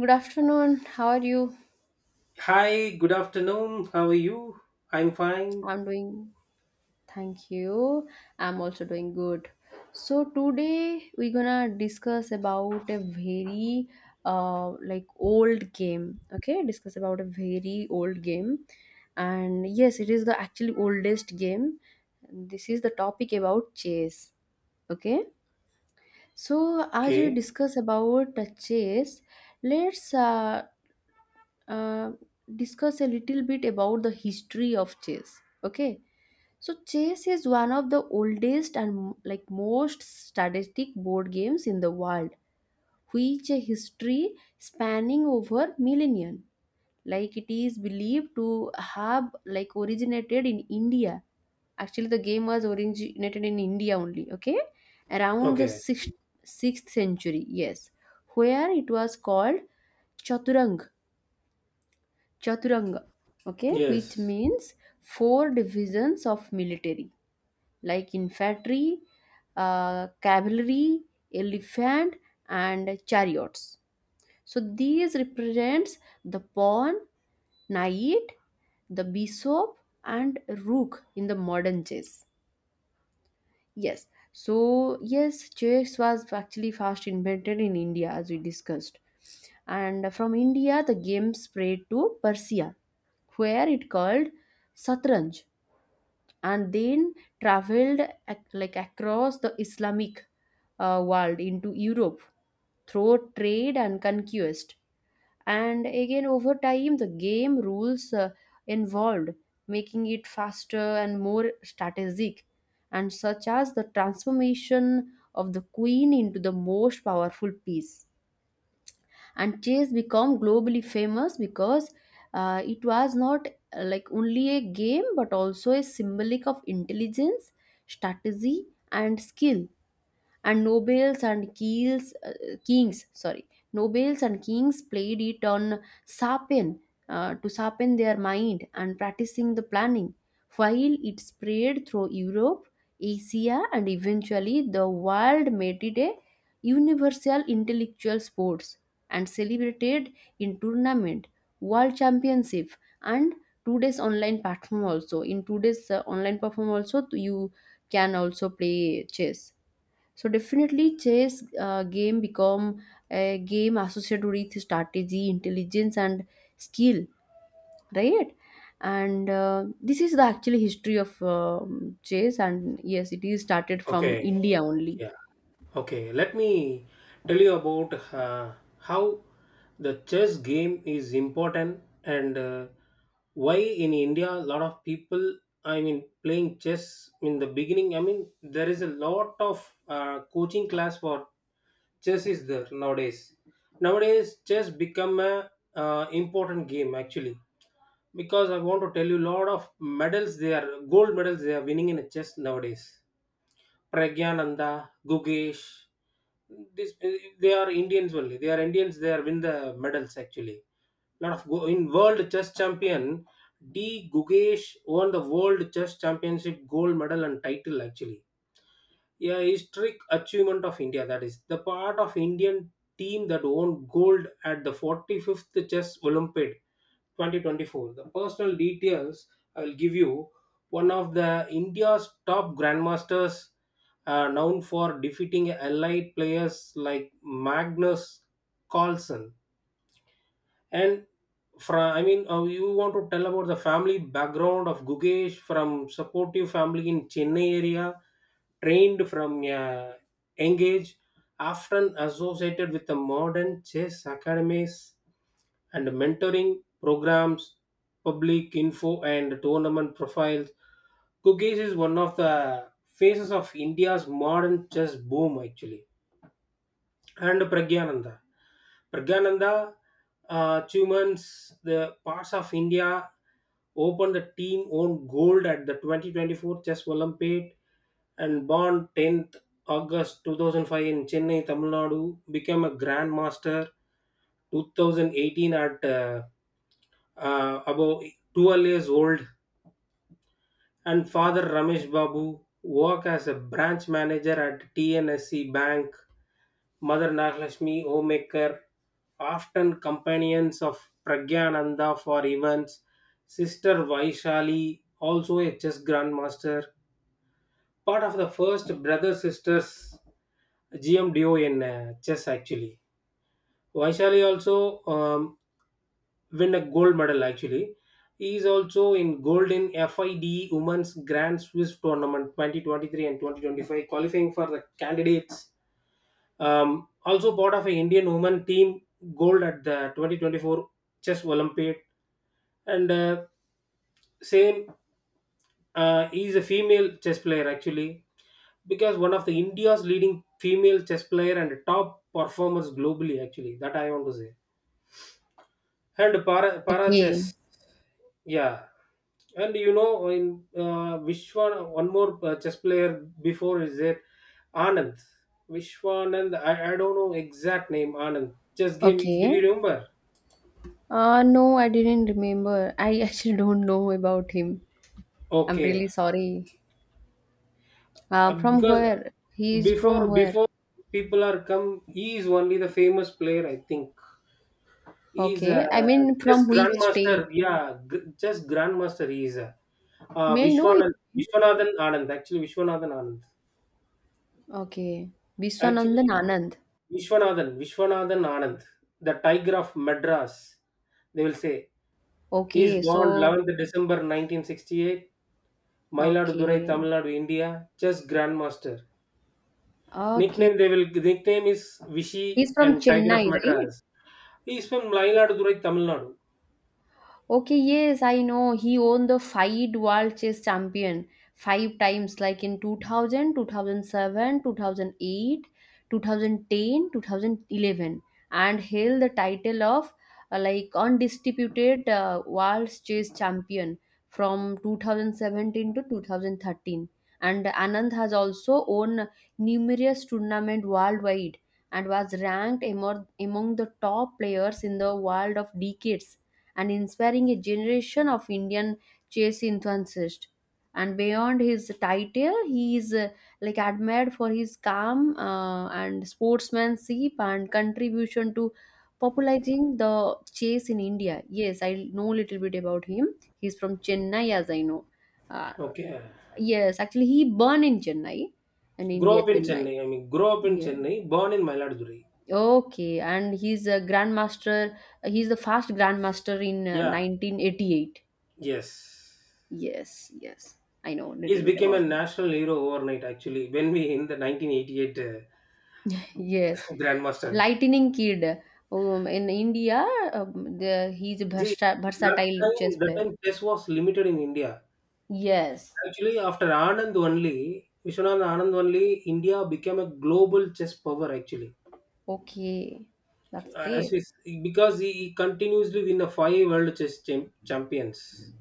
Good afternoon. How are you? Hi, good afternoon. How are you? I'm fine. I'm doing, thank you. I'm also doing good. So today we're gonna discuss about a very old game. Okay, discuss about a very old game. And yes, it is the actually oldest game. This is the topic about chess. Okay. So as we Okay. discuss about chess, let's uh, discuss a little bit about the history of chess. Okay, so chess is one of the oldest and like most strategic board games in the world, which a history spanning over millennia. Like it is believed to have like originated in India. Actually the game was originated in India only. Okay, around the Okay. 6th century. Yes, where it was called chaturang chaturanga, okay, which Yes. means four divisions of military, like infantry, cavalry, elephant, and chariots. So these represents the pawn, knight, the bishop, and rook in the modern chess. Yes. So yes, chess was actually first invented in India, as we discussed. And from India the game spread to Persia, where it called Satranj, and then traveled like across the Islamic world into Europe through trade and conquest. And again, over time, the game rules involved, making it faster and more strategic, and such as the transformation of the queen into the most powerful piece. And chess become globally famous because it was not like only a game but also a symbolic of intelligence, strategy, and skill. And nobles and kings, sorry, nobles and kings played it on sapin to sharpen their mind and practicing the planning, while it spread through Europe, Asia, and eventually the world made it a universal intellectual sports and celebrated in tournament, world championship, and today's online platform also in today's online platform also you can also play chess. So definitely, chess game become a game associated with strategy, intelligence, and skill, right? And this is the actually history of chess, and yes, it is started from Okay. India only. Yeah. Okay. Let me tell you about how the chess game is important and why in India a lot of people, I mean, playing chess in the beginning. I mean, there is a lot of coaching class for chess is there nowadays. Nowadays, chess become a important game actually, because I want to tell you lot of medals, they are gold medals they are winning in chess nowadays. Pragyananda, Gugesh, this they are Indians only. They are Indians. They are win the medals actually. Lot of go in world chess champion. D Gugesh won the world chess championship gold medal and title actually. Yeah, historic achievement of India. That is the part of Indian team that won gold at the 45th chess Olympiad 2024. The personal details I will give you. One of the India's top grandmasters, known for defeating allied players like Magnus Carlsen. And from, you want to tell about the family background of Gugesh. From supportive family in Chennai area, trained from young age, often associated with the modern chess academies and mentoring programs, public info, and tournament profiles. Cookies is one of the faces of India's modern chess boom, actually. And Pragyananda. Pragyananda Chumans, the parts of India, opened the team on gold at the 2024 Chess Olympiad, and born 10th August 2005 in Chennai, Tamil Nadu, became a grandmaster 2018 at about 12 years old, and Father Ramesh Babu work as a branch manager at TNSC Bank. Mother Nagalakshmi, homemaker, often companions of Pragyananda for events. Sister Vaishali, also a chess grandmaster, part of the first brother sisters GM in chess actually. Vaishali also win a gold medal actually. He is also in gold in FIDE Women's Grand Swiss Tournament 2023 and 2025, qualifying for the candidates. Also part of an Indian women team gold at the 2024 Chess Olympiad. And same, he is a female chess player actually, because one of the India's leading female chess player and top performers globally actually. That I want to say. And para, para Okay, chess, yeah. And in Vishwan, one more chess player before is there. Anand Vishwanand, I don't know exact name Anand chess game. Did okay. you remember? No, I didn't remember. I actually don't know about him. I'm really Okay. sorry. From Because where? He is from before where? before people are come, he is only the famous player I think. He is a Okay, I mean chess from which grandmaster. state? Yeah, chess grandmaster. He is a May I know Vishwanand him? Vishwanathan Anand actually. Vishwanathan Anand. Okay. Actually, 'Vishwanathan Anand.' Vishwanathan Anand, the Tiger of Madras, they will say. He okay. is so born 11th December 1968, okay. Mayiladurai, Tamil Nadu, India, chess grandmaster. Okay. Nickname, they will nickname is he Vishy is from and Tiger Chennai of right? Madras. He is from Mayiladurai, Tamil Nadu. Okay, yes, I know. He won the five world chess champion five times, like in two thousand, two thousand 2008, 2010, 2011, and held the title of like undisputed world chess champion from 2017 to 2013. And Anand has also won numerous tournament worldwide and was ranked among the top players in the world of decades and inspiring a generation of Indian chess enthusiasts. And beyond his title, he is like admired for his calm and sportsmanship and contribution to popularizing the chess in India. Yes, I know little bit about him. He's from Chennai, as I know. Uh, Okay. yes, actually, he born in Chennai, in Grow India, up in Chennai. Chennai. I mean, grow up in Yeah. Chennai, born in Mayiladurai. Okay, and he's a grandmaster. He's the first grandmaster in Yeah. 1988. Yes. Yes. I know a little He's bit became a about him. national hero overnight actually when we in the 1988 Yes, grandmaster. Lightning Kid. In India, he's a Ji, that versatile chess time that player. time chess was limited in India. Yes. Actually, after Anand only, Vishwanath Anand only, India became a global chess power. Actually, Okay. That's as great. we, because he continuously win the five world chess champions.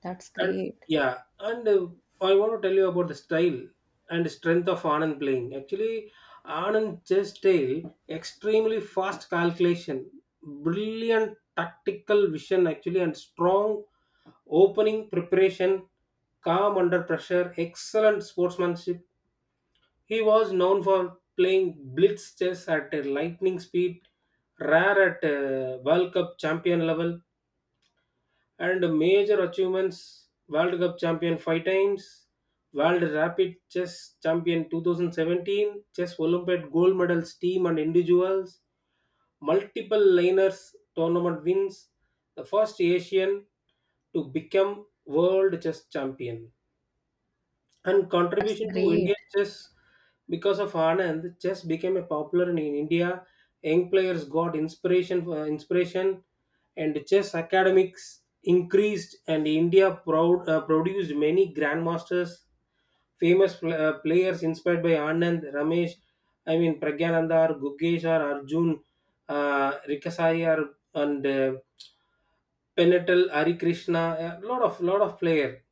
That's And great. yeah, and I want to tell you about the style and strength of Anand playing. Actually, Anand chess style, extremely fast calculation, brilliant tactical vision, actually, and strong opening preparation, calm under pressure, excellent sportsmanship. He was known for playing blitz chess at a lightning speed, rare at World Cup champion level, and major achievements: World Cup champion five times, World Rapid Chess champion 2017, Chess Olympiad gold medals team and individuals, multiple liners tournament wins, the first Asian to become world chess champion. And That's contribution to great. Indian chess, because of Anand, chess became a popular in India. Young players got inspiration, and chess academics increased. And India proud, produced many grandmasters, famous players inspired by Anand, Ramesh. I mean Pragyananda or Gugesh or Arjun, Rikasai or, and Penatal, Hari Krishna, a lot of player.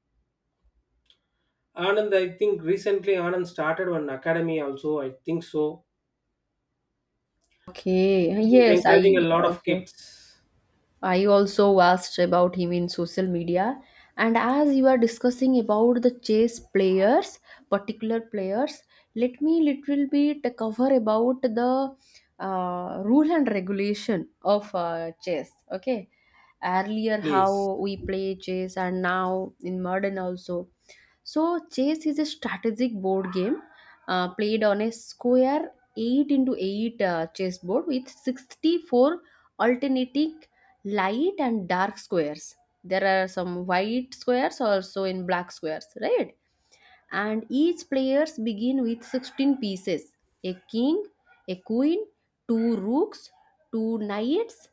Anand, I think recently Anand started one academy also. I think so. Okay. He's Yes, encouraging a lot of kids. I also asked about him in social media. And as you are discussing about the chess players, particular players, let me little bit cover about the rule and regulation of chess. Okay, earlier how Please. we play chess and now in modern also. So chess is a strategic board game played on a square 8 into 8 chess board with 64 alternating light and dark squares. There are some white squares also in black squares, right? And each players begin with 16 pieces: a king, a queen, two rooks, two knights,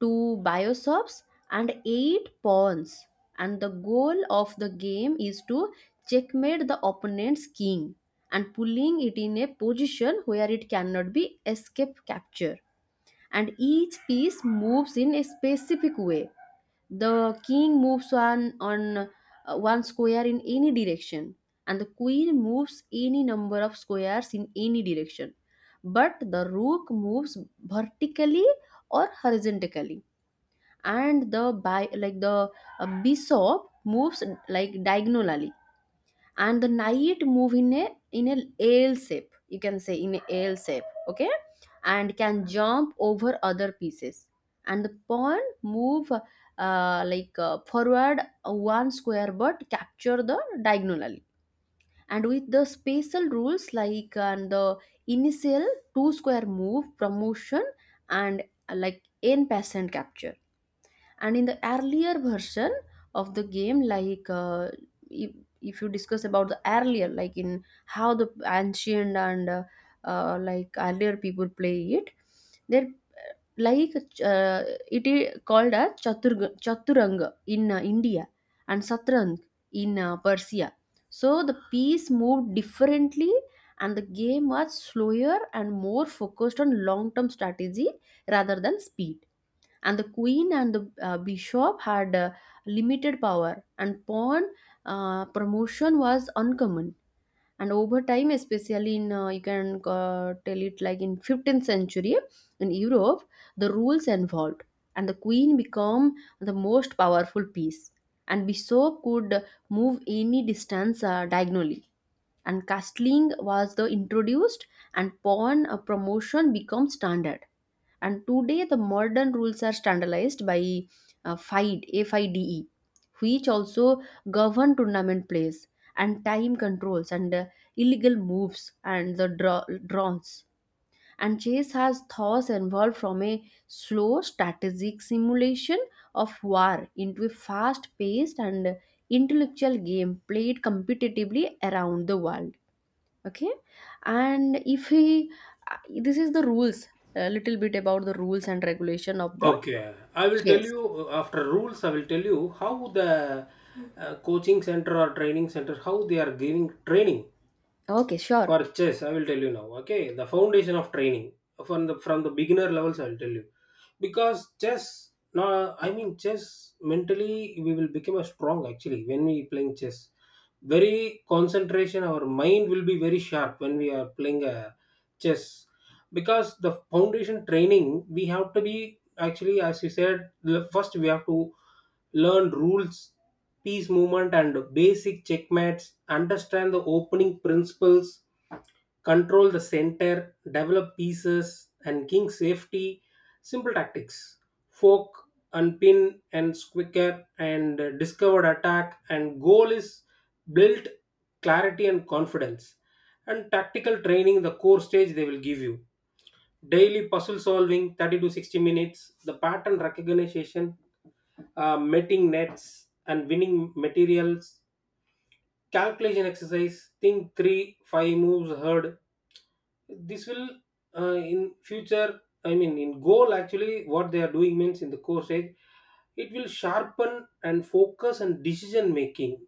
two bishops, and eight pawns. And the goal of the game is to checkmate the opponent's king and pulling it in a position where it cannot be escape capture. And each piece moves in a specific way. The king moves on one square in any direction, and the queen moves any number of squares in any direction. But the rook moves vertically or horizontally, and the like the bishop moves like diagonally. And the knight move in a L shape, you can say, in a L shape, okay, and can jump over other pieces. And the pawn move like forward one square but capture the diagonally, and with the spatial rules like, and the initial two square move promotion and like n percent capture. And in the earlier version of the game, like if, if you discuss about the earlier, like in how the ancient and like earlier people play it, they're like uh, it is called as chaturanga in India, and Satrang in Persia. So the piece moved differently, and the game was slower and more focused on long term strategy rather than speed. And the queen and the bishop had limited power, and pawn promotion was uncommon. And over time, especially in you can tell it like in 15th century in Europe, the rules evolved and the queen became the most powerful piece and bishop could move any distance diagonally and castling was the introduced and pawn promotion became standard. And today the modern rules are standardized by FIDE, FIDE, which also govern tournament plays and time controls and illegal moves and the drones. And chess has thus evolved from a slow strategic simulation of war into a fast paced and intellectual game played competitively around the world. Okay, and if he uh, this is the rules, a little bit about the rules and regulation of the Okay. I will tell chess. you after rules, I will tell you how the coaching center or training center, how they are giving training. Okay, sure. For chess, I will tell you now. Okay, the foundation of training, from the beginner levels, I will tell you, because chess. No, I mean chess. Mentally, we will become a strong actually when we playing chess. Very concentration. Our mind will be very sharp when we are playing a chess, because the foundation training we have to be actually, as you said, first we have to learn rules, piece movement, and basic checkmates. Understand the opening principles, control the center, develop pieces, and king safety. Simple tactics: fork, unpin, and squicker, and discovered attack. And goal is built clarity and confidence. And tactical training, the core stage they will give you. Daily puzzle solving, 30 to 60 minutes, the pattern recognition, mating nets, and winning materials, calculation exercise, think three, five moves heard. This will, in future, I mean in goal actually, what they are doing means in the course age, it will sharpen and focus and decision making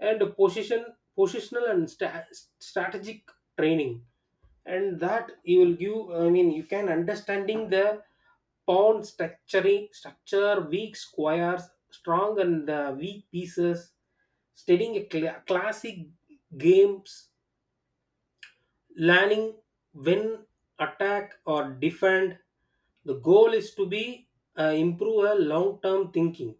and positional and strategic training. And that you will give, I mean you can understanding the pawn structuring structure, weak squares, strong and weak pieces, studying a classic games, learning when attack or defend. The goal is to be improve a long term thinking.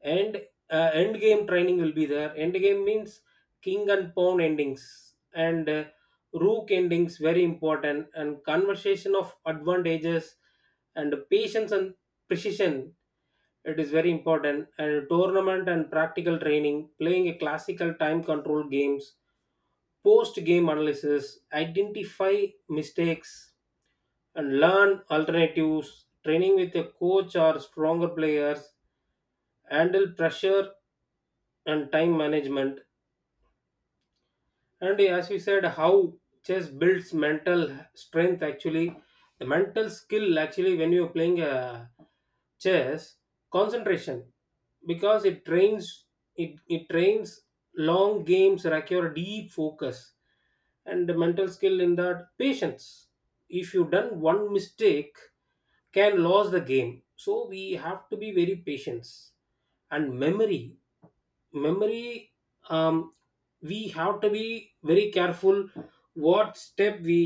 And end game training will be there. End game means king and pawn endings, and rook endings very important, and conversation of advantages and patience and precision. It is very important. And tournament and practical training playing a classical time control games, post game analysis, identify mistakes, and learn alternatives. Training with a coach or stronger players, handle pressure and time management. And as you said, how chess builds mental strength actually, the mental skill actually, when you're playing chess, concentration, because it trains long games require deep focus and the mental skill in that patience. If you done one mistake, can lose the game. So we have to be very patient, and memory, memory um, we have to be very careful what step we,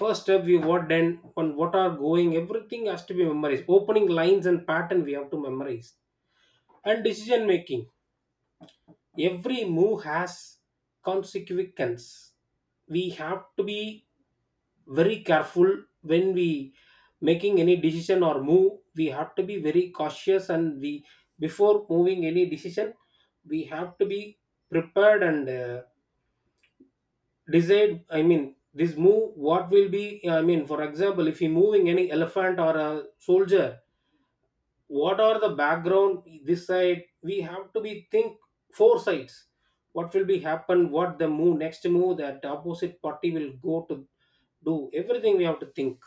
first step we, what then on what are going, everything has to be memorized. Opening lines and pattern we have to memorize. And decision making, every move has consequence. We have to be very careful when we making any decision or move, we have to be very cautious. And we, before moving any decision, we have to be prepared and decide, I mean this move what will be, I mean for example if you moving any elephant or a soldier, what are the background this side, we have to be think four sides, what will be happen, what the move, next move that the opposite party will go to do, everything we have to think.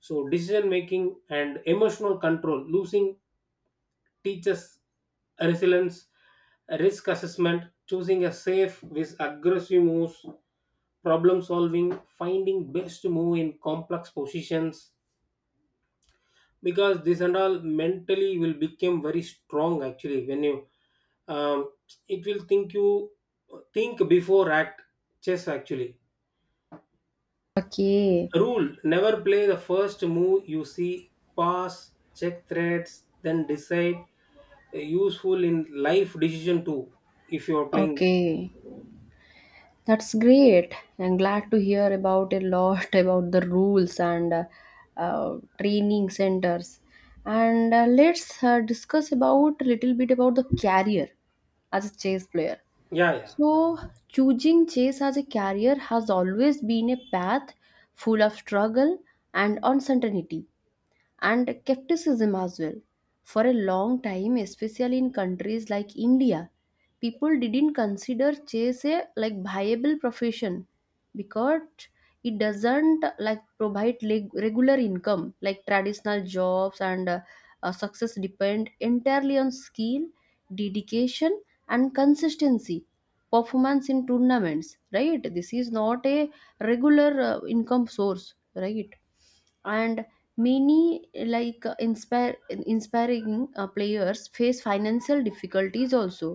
So decision making and emotional control losing teaches resilience, risk assessment, choosing a safe with aggressive moves, problem solving, finding best move in complex positions, because this and all mentally will become very strong actually when you. um, it will think you. Think before act, chess actually. Okay, Rule: never play the first move you see, pass, check threats, then decide. Useful in life decision too if you are playing. okay. That's great. I'm glad to hear about a lot about the rules and training centers. And let's discuss about a little bit about the career as a chess player. Yeah, yeah. So, choosing chess as a career has always been a path full of struggle and uncertainty and skepticism as well. For a long time, especially in countries like India, people didn't consider chess a like viable profession because it doesn't like provide regular income like traditional jobs and success depend entirely on skill, dedication, and consistency performance in tournaments, right? This is not a regular income source, right? And many like inspire inspiring players face financial difficulties also,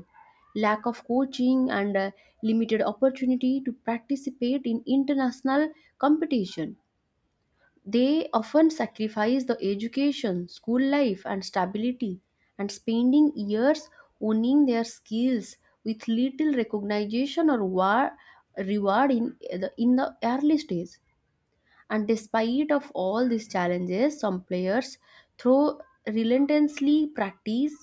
lack of coaching and limited opportunity to participate in international competition. They often sacrifice the education school life and stability and spending years honing their skills with little recognition or reward in the early stage. And despite of all these challenges, some players through relentlessly practice,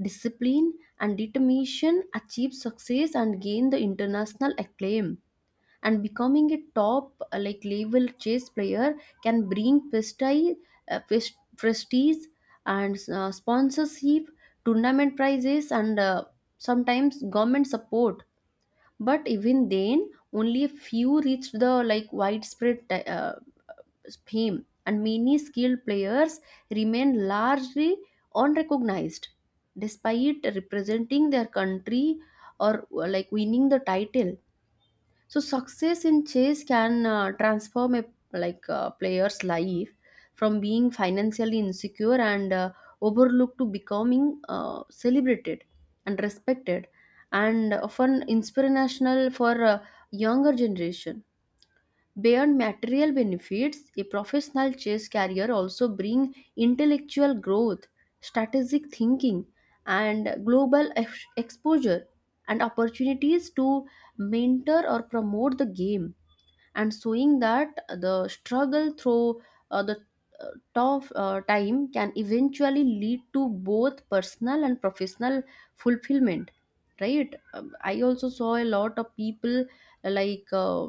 discipline, and determination achieve success and gain the international acclaim. And becoming a top like level chess player can bring prestige, prestige and sponsorship, tournament prizes and sometimes government support. But even then, only a few reached the like widespread fame, and many skilled players remain largely unrecognized despite representing their country or like winning the title. So success in chess can transform a like a player's life from being financially insecure and overlooked to becoming celebrated and respected and often inspirational for younger generation. Beyond material benefits, a professional chess career also brings intellectual growth, strategic thinking, and global exposure, and opportunities to mentor or promote the game, and showing that the struggle through the uh, tough time can eventually lead to both personal and professional fulfillment. Right? I also saw a lot of people like.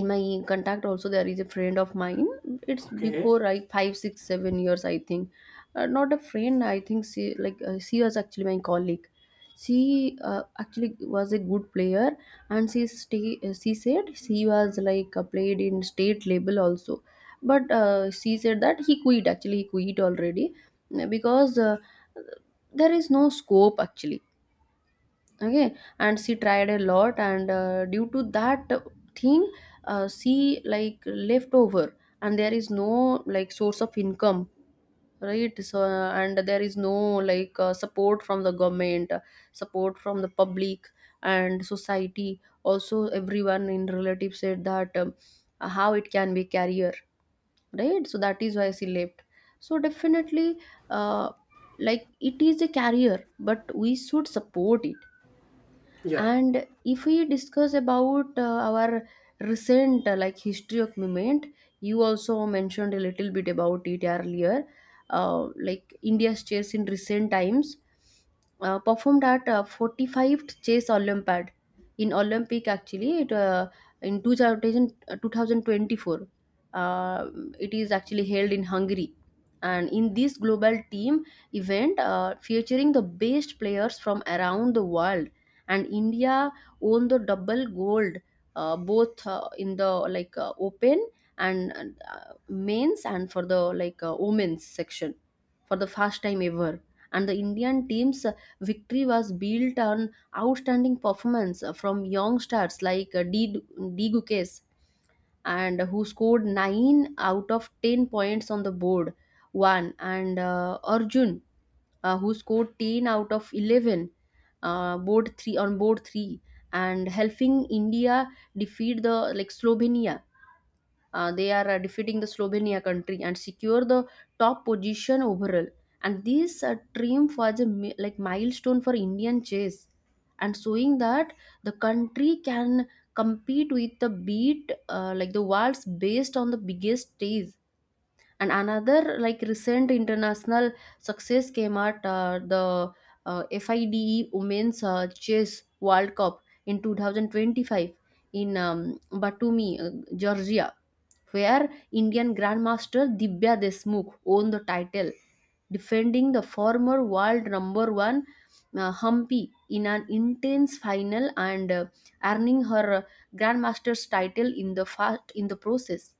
In my contact also, there is a friend of mine. It's Okay. Okay. before like five six seven years, I think. Not a friend, I think she, like, she was actually my colleague. She actually was a good player, and she said she was like played in state level also. But she said that he quit, actually he quit already, because there is no scope actually. Okay. And she tried a lot, and due to that thing, she like left over, and there is no like source of income, right? So and there is no like support from the government, support from the public and society also. Everyone in relative said that, how it can be career? Right, so that is why she left. So definitely, uh, like it is a career, but we should support it. Yeah. And if we discuss about our recent like history of movement, you also mentioned a little bit about it earlier. Uh, like India's chess in recent times performed at 45th chess olympiad in olympic, actually it in 2024, uh, it is actually held in Hungary. And in this global team event, featuring the best players from around the world, and India won the double gold, both in the like open and mains, and for the like women's section, for the first time ever. And the Indian team's victory was built on outstanding performance from young stars like D. Gukes, and who scored 9 out of 10 points on the board one, and Arjun, who scored 10 out of 11, uh, board 3 on board 3, and helping India defeat the like Slovenia. Uh, they are defeating the Slovenia country and secure the top position overall. And this triumph was a like milestone for Indian chess, and showing that the country can compete with the beat, like the world's based on the biggest stage. And another like recent international success came at the FIDE Women's Chess World Cup in 2025 in Batumi, Georgia, where Indian Grandmaster Dibya Desmukh won the title, defending the former world number one, Humpy, in an intense final, and earning her Grandmaster's title in the fast in the process.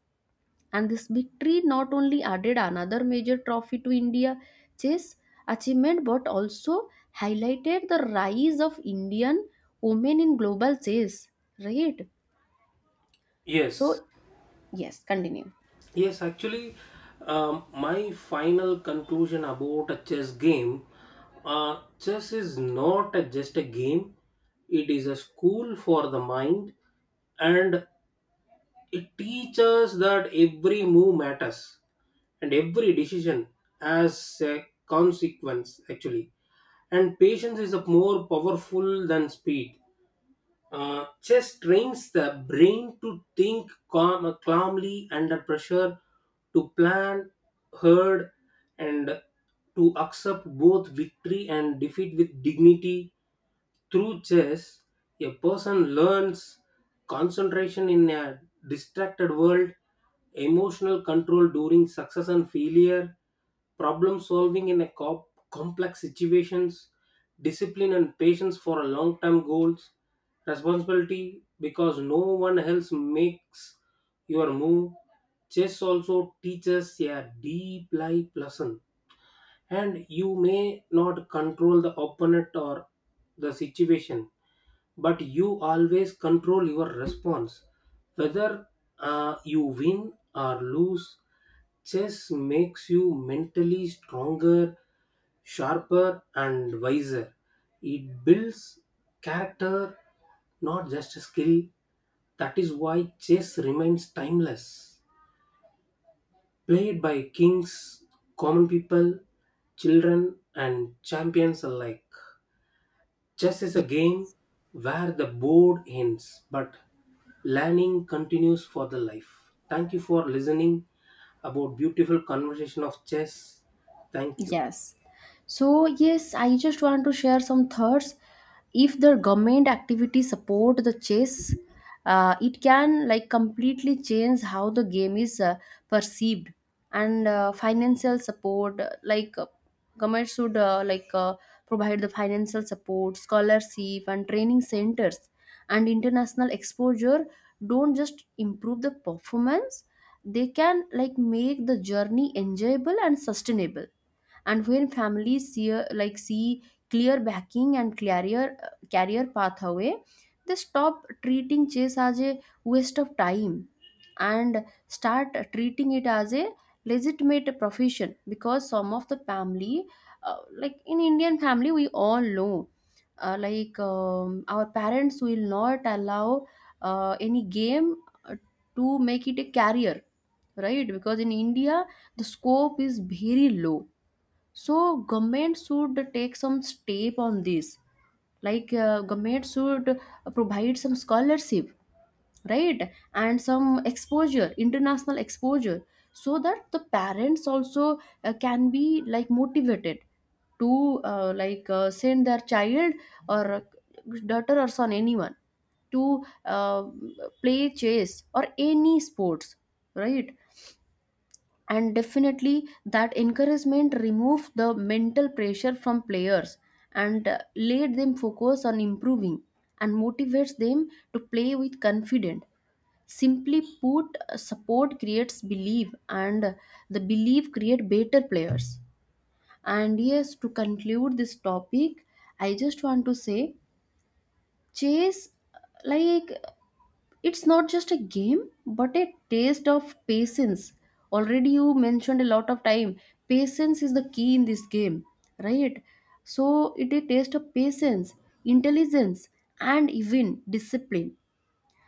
And this victory not only added another major trophy to India chess achievement, but also highlighted the rise of Indian women in global chess, right? Yes. So yes, continue. Yes, actually, um, my final conclusion about a chess game. uh, Chess is not a, just a game, it is a school for the mind. And it teaches that every move matters and every decision has a consequence, actually. And patience is a more powerful than speed. Chess trains the brain to think calmly under pressure, to plan, herd, and to accept both victory and defeat with dignity. Through chess, a person learns concentration in a distracted world, emotional control during success and failure, problem solving in a complex situations, discipline and patience for a long-term goals, responsibility because no one else makes your move. Chess also teaches a deep life lesson, and you may not control the opponent or the situation, but you always control your response, whether you win or lose. Chess makes you mentally stronger, sharper and wiser. It builds character, not just skill. That is why chess remains timeless, played by kings, common people, children, and champions alike. Chess is a game where the board ends, but learning continues for the life. Thank you for listening about beautiful conversation of chess. Thank you. Yes. So yes, I just want to share some thoughts. If the government activity support the chess, it can like completely change how the game is perceived. And financial support, like government should, like provide the financial support, scholarship and training centers and international exposure don't just improve the performance, they can like make the journey enjoyable and sustainable. And when families see like see clear backing and clearer career pathway, they stop treating chess as a waste of time and start treating it as a legitimate profession. Because some of the family, like in Indian family, we all know, like our parents will not allow any game uh, to make it a career, right? Because in India the scope is very low. So government should take some step on this, like government should provide some scholarship, right? And some exposure, international exposure, so that the parents also can be like motivated to, like send their child, or daughter or son, anyone, to play chess or any sports, right? And definitely that encouragement removed the mental pressure from players, and let them focus on improving and motivates them to play with confidence. Simply put, support creates belief, and the belief create better players. And yes, to conclude this topic, I just want to say chess, like, it's not just a game but a taste of patience. Already you mentioned a lot of time, patience is the key in this game, right? So it a taste of patience, intelligence, and even discipline.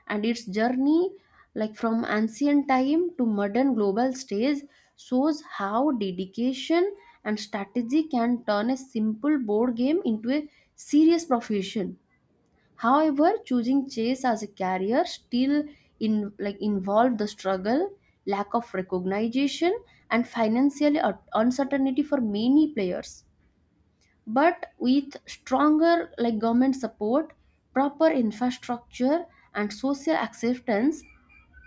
And its journey, like from ancient time to modern global stage, shows how dedication and strategy can turn a simple board game into a serious profession. However, choosing chess as a career still in like involved the struggle, lack of recognition, and financial uncertainty for many players. But with stronger like government support, proper infrastructure, and social acceptance,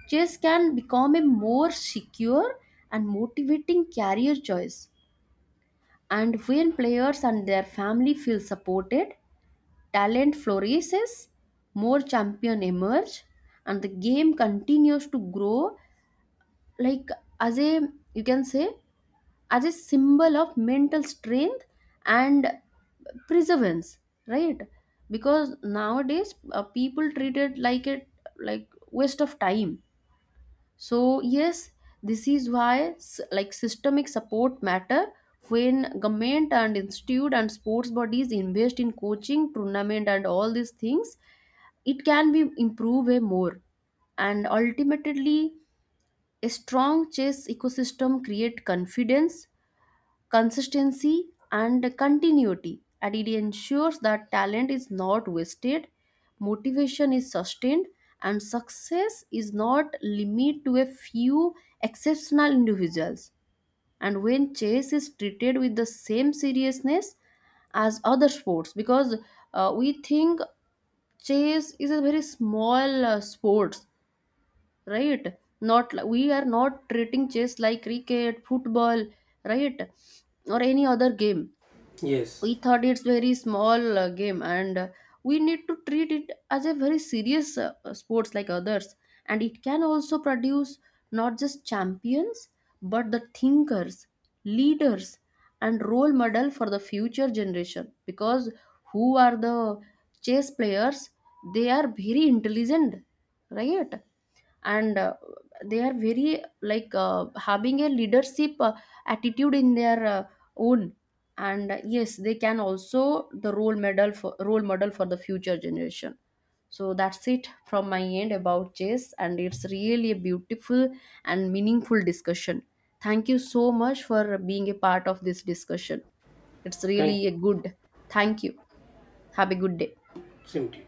chess can become a more secure and motivating career choice. And when players and their family feel supported, talent flourishes, more champion emerge, and the game continues to grow, like, as a, you can say, as a symbol of mental strength and perseverance, right? Because nowadays people treat it like waste of time. So yes, this is why like systemic support matter. When government and institute and sports bodies invest in coaching tournament and all these things, it can be improved way more. And ultimately, a strong chess ecosystem create confidence, consistency and continuity, and it ensures that talent is not wasted, motivation is sustained, and success is not limited to a few exceptional individuals. And when chess is treated with the same seriousness as other sports, because we think chess is a very small sports, right? not li- We are not treating chess like cricket, football, right? Or any other game. Yes. We thought it's very small game, and we need to treat it as a very serious sports like others. And it can also produce not just champions, but the thinkers, leaders, and role model for the future generation. Because who are the chess players, they are very intelligent, right? And they are very like having a leadership attitude in their own. And yes, they can also the role model for the future generation. So that's it from my end about chess, and it's really a beautiful and meaningful discussion. Thank you so much for being a part of this discussion. It's Thank really a you. good. Thank you. Have a good day. Same to you.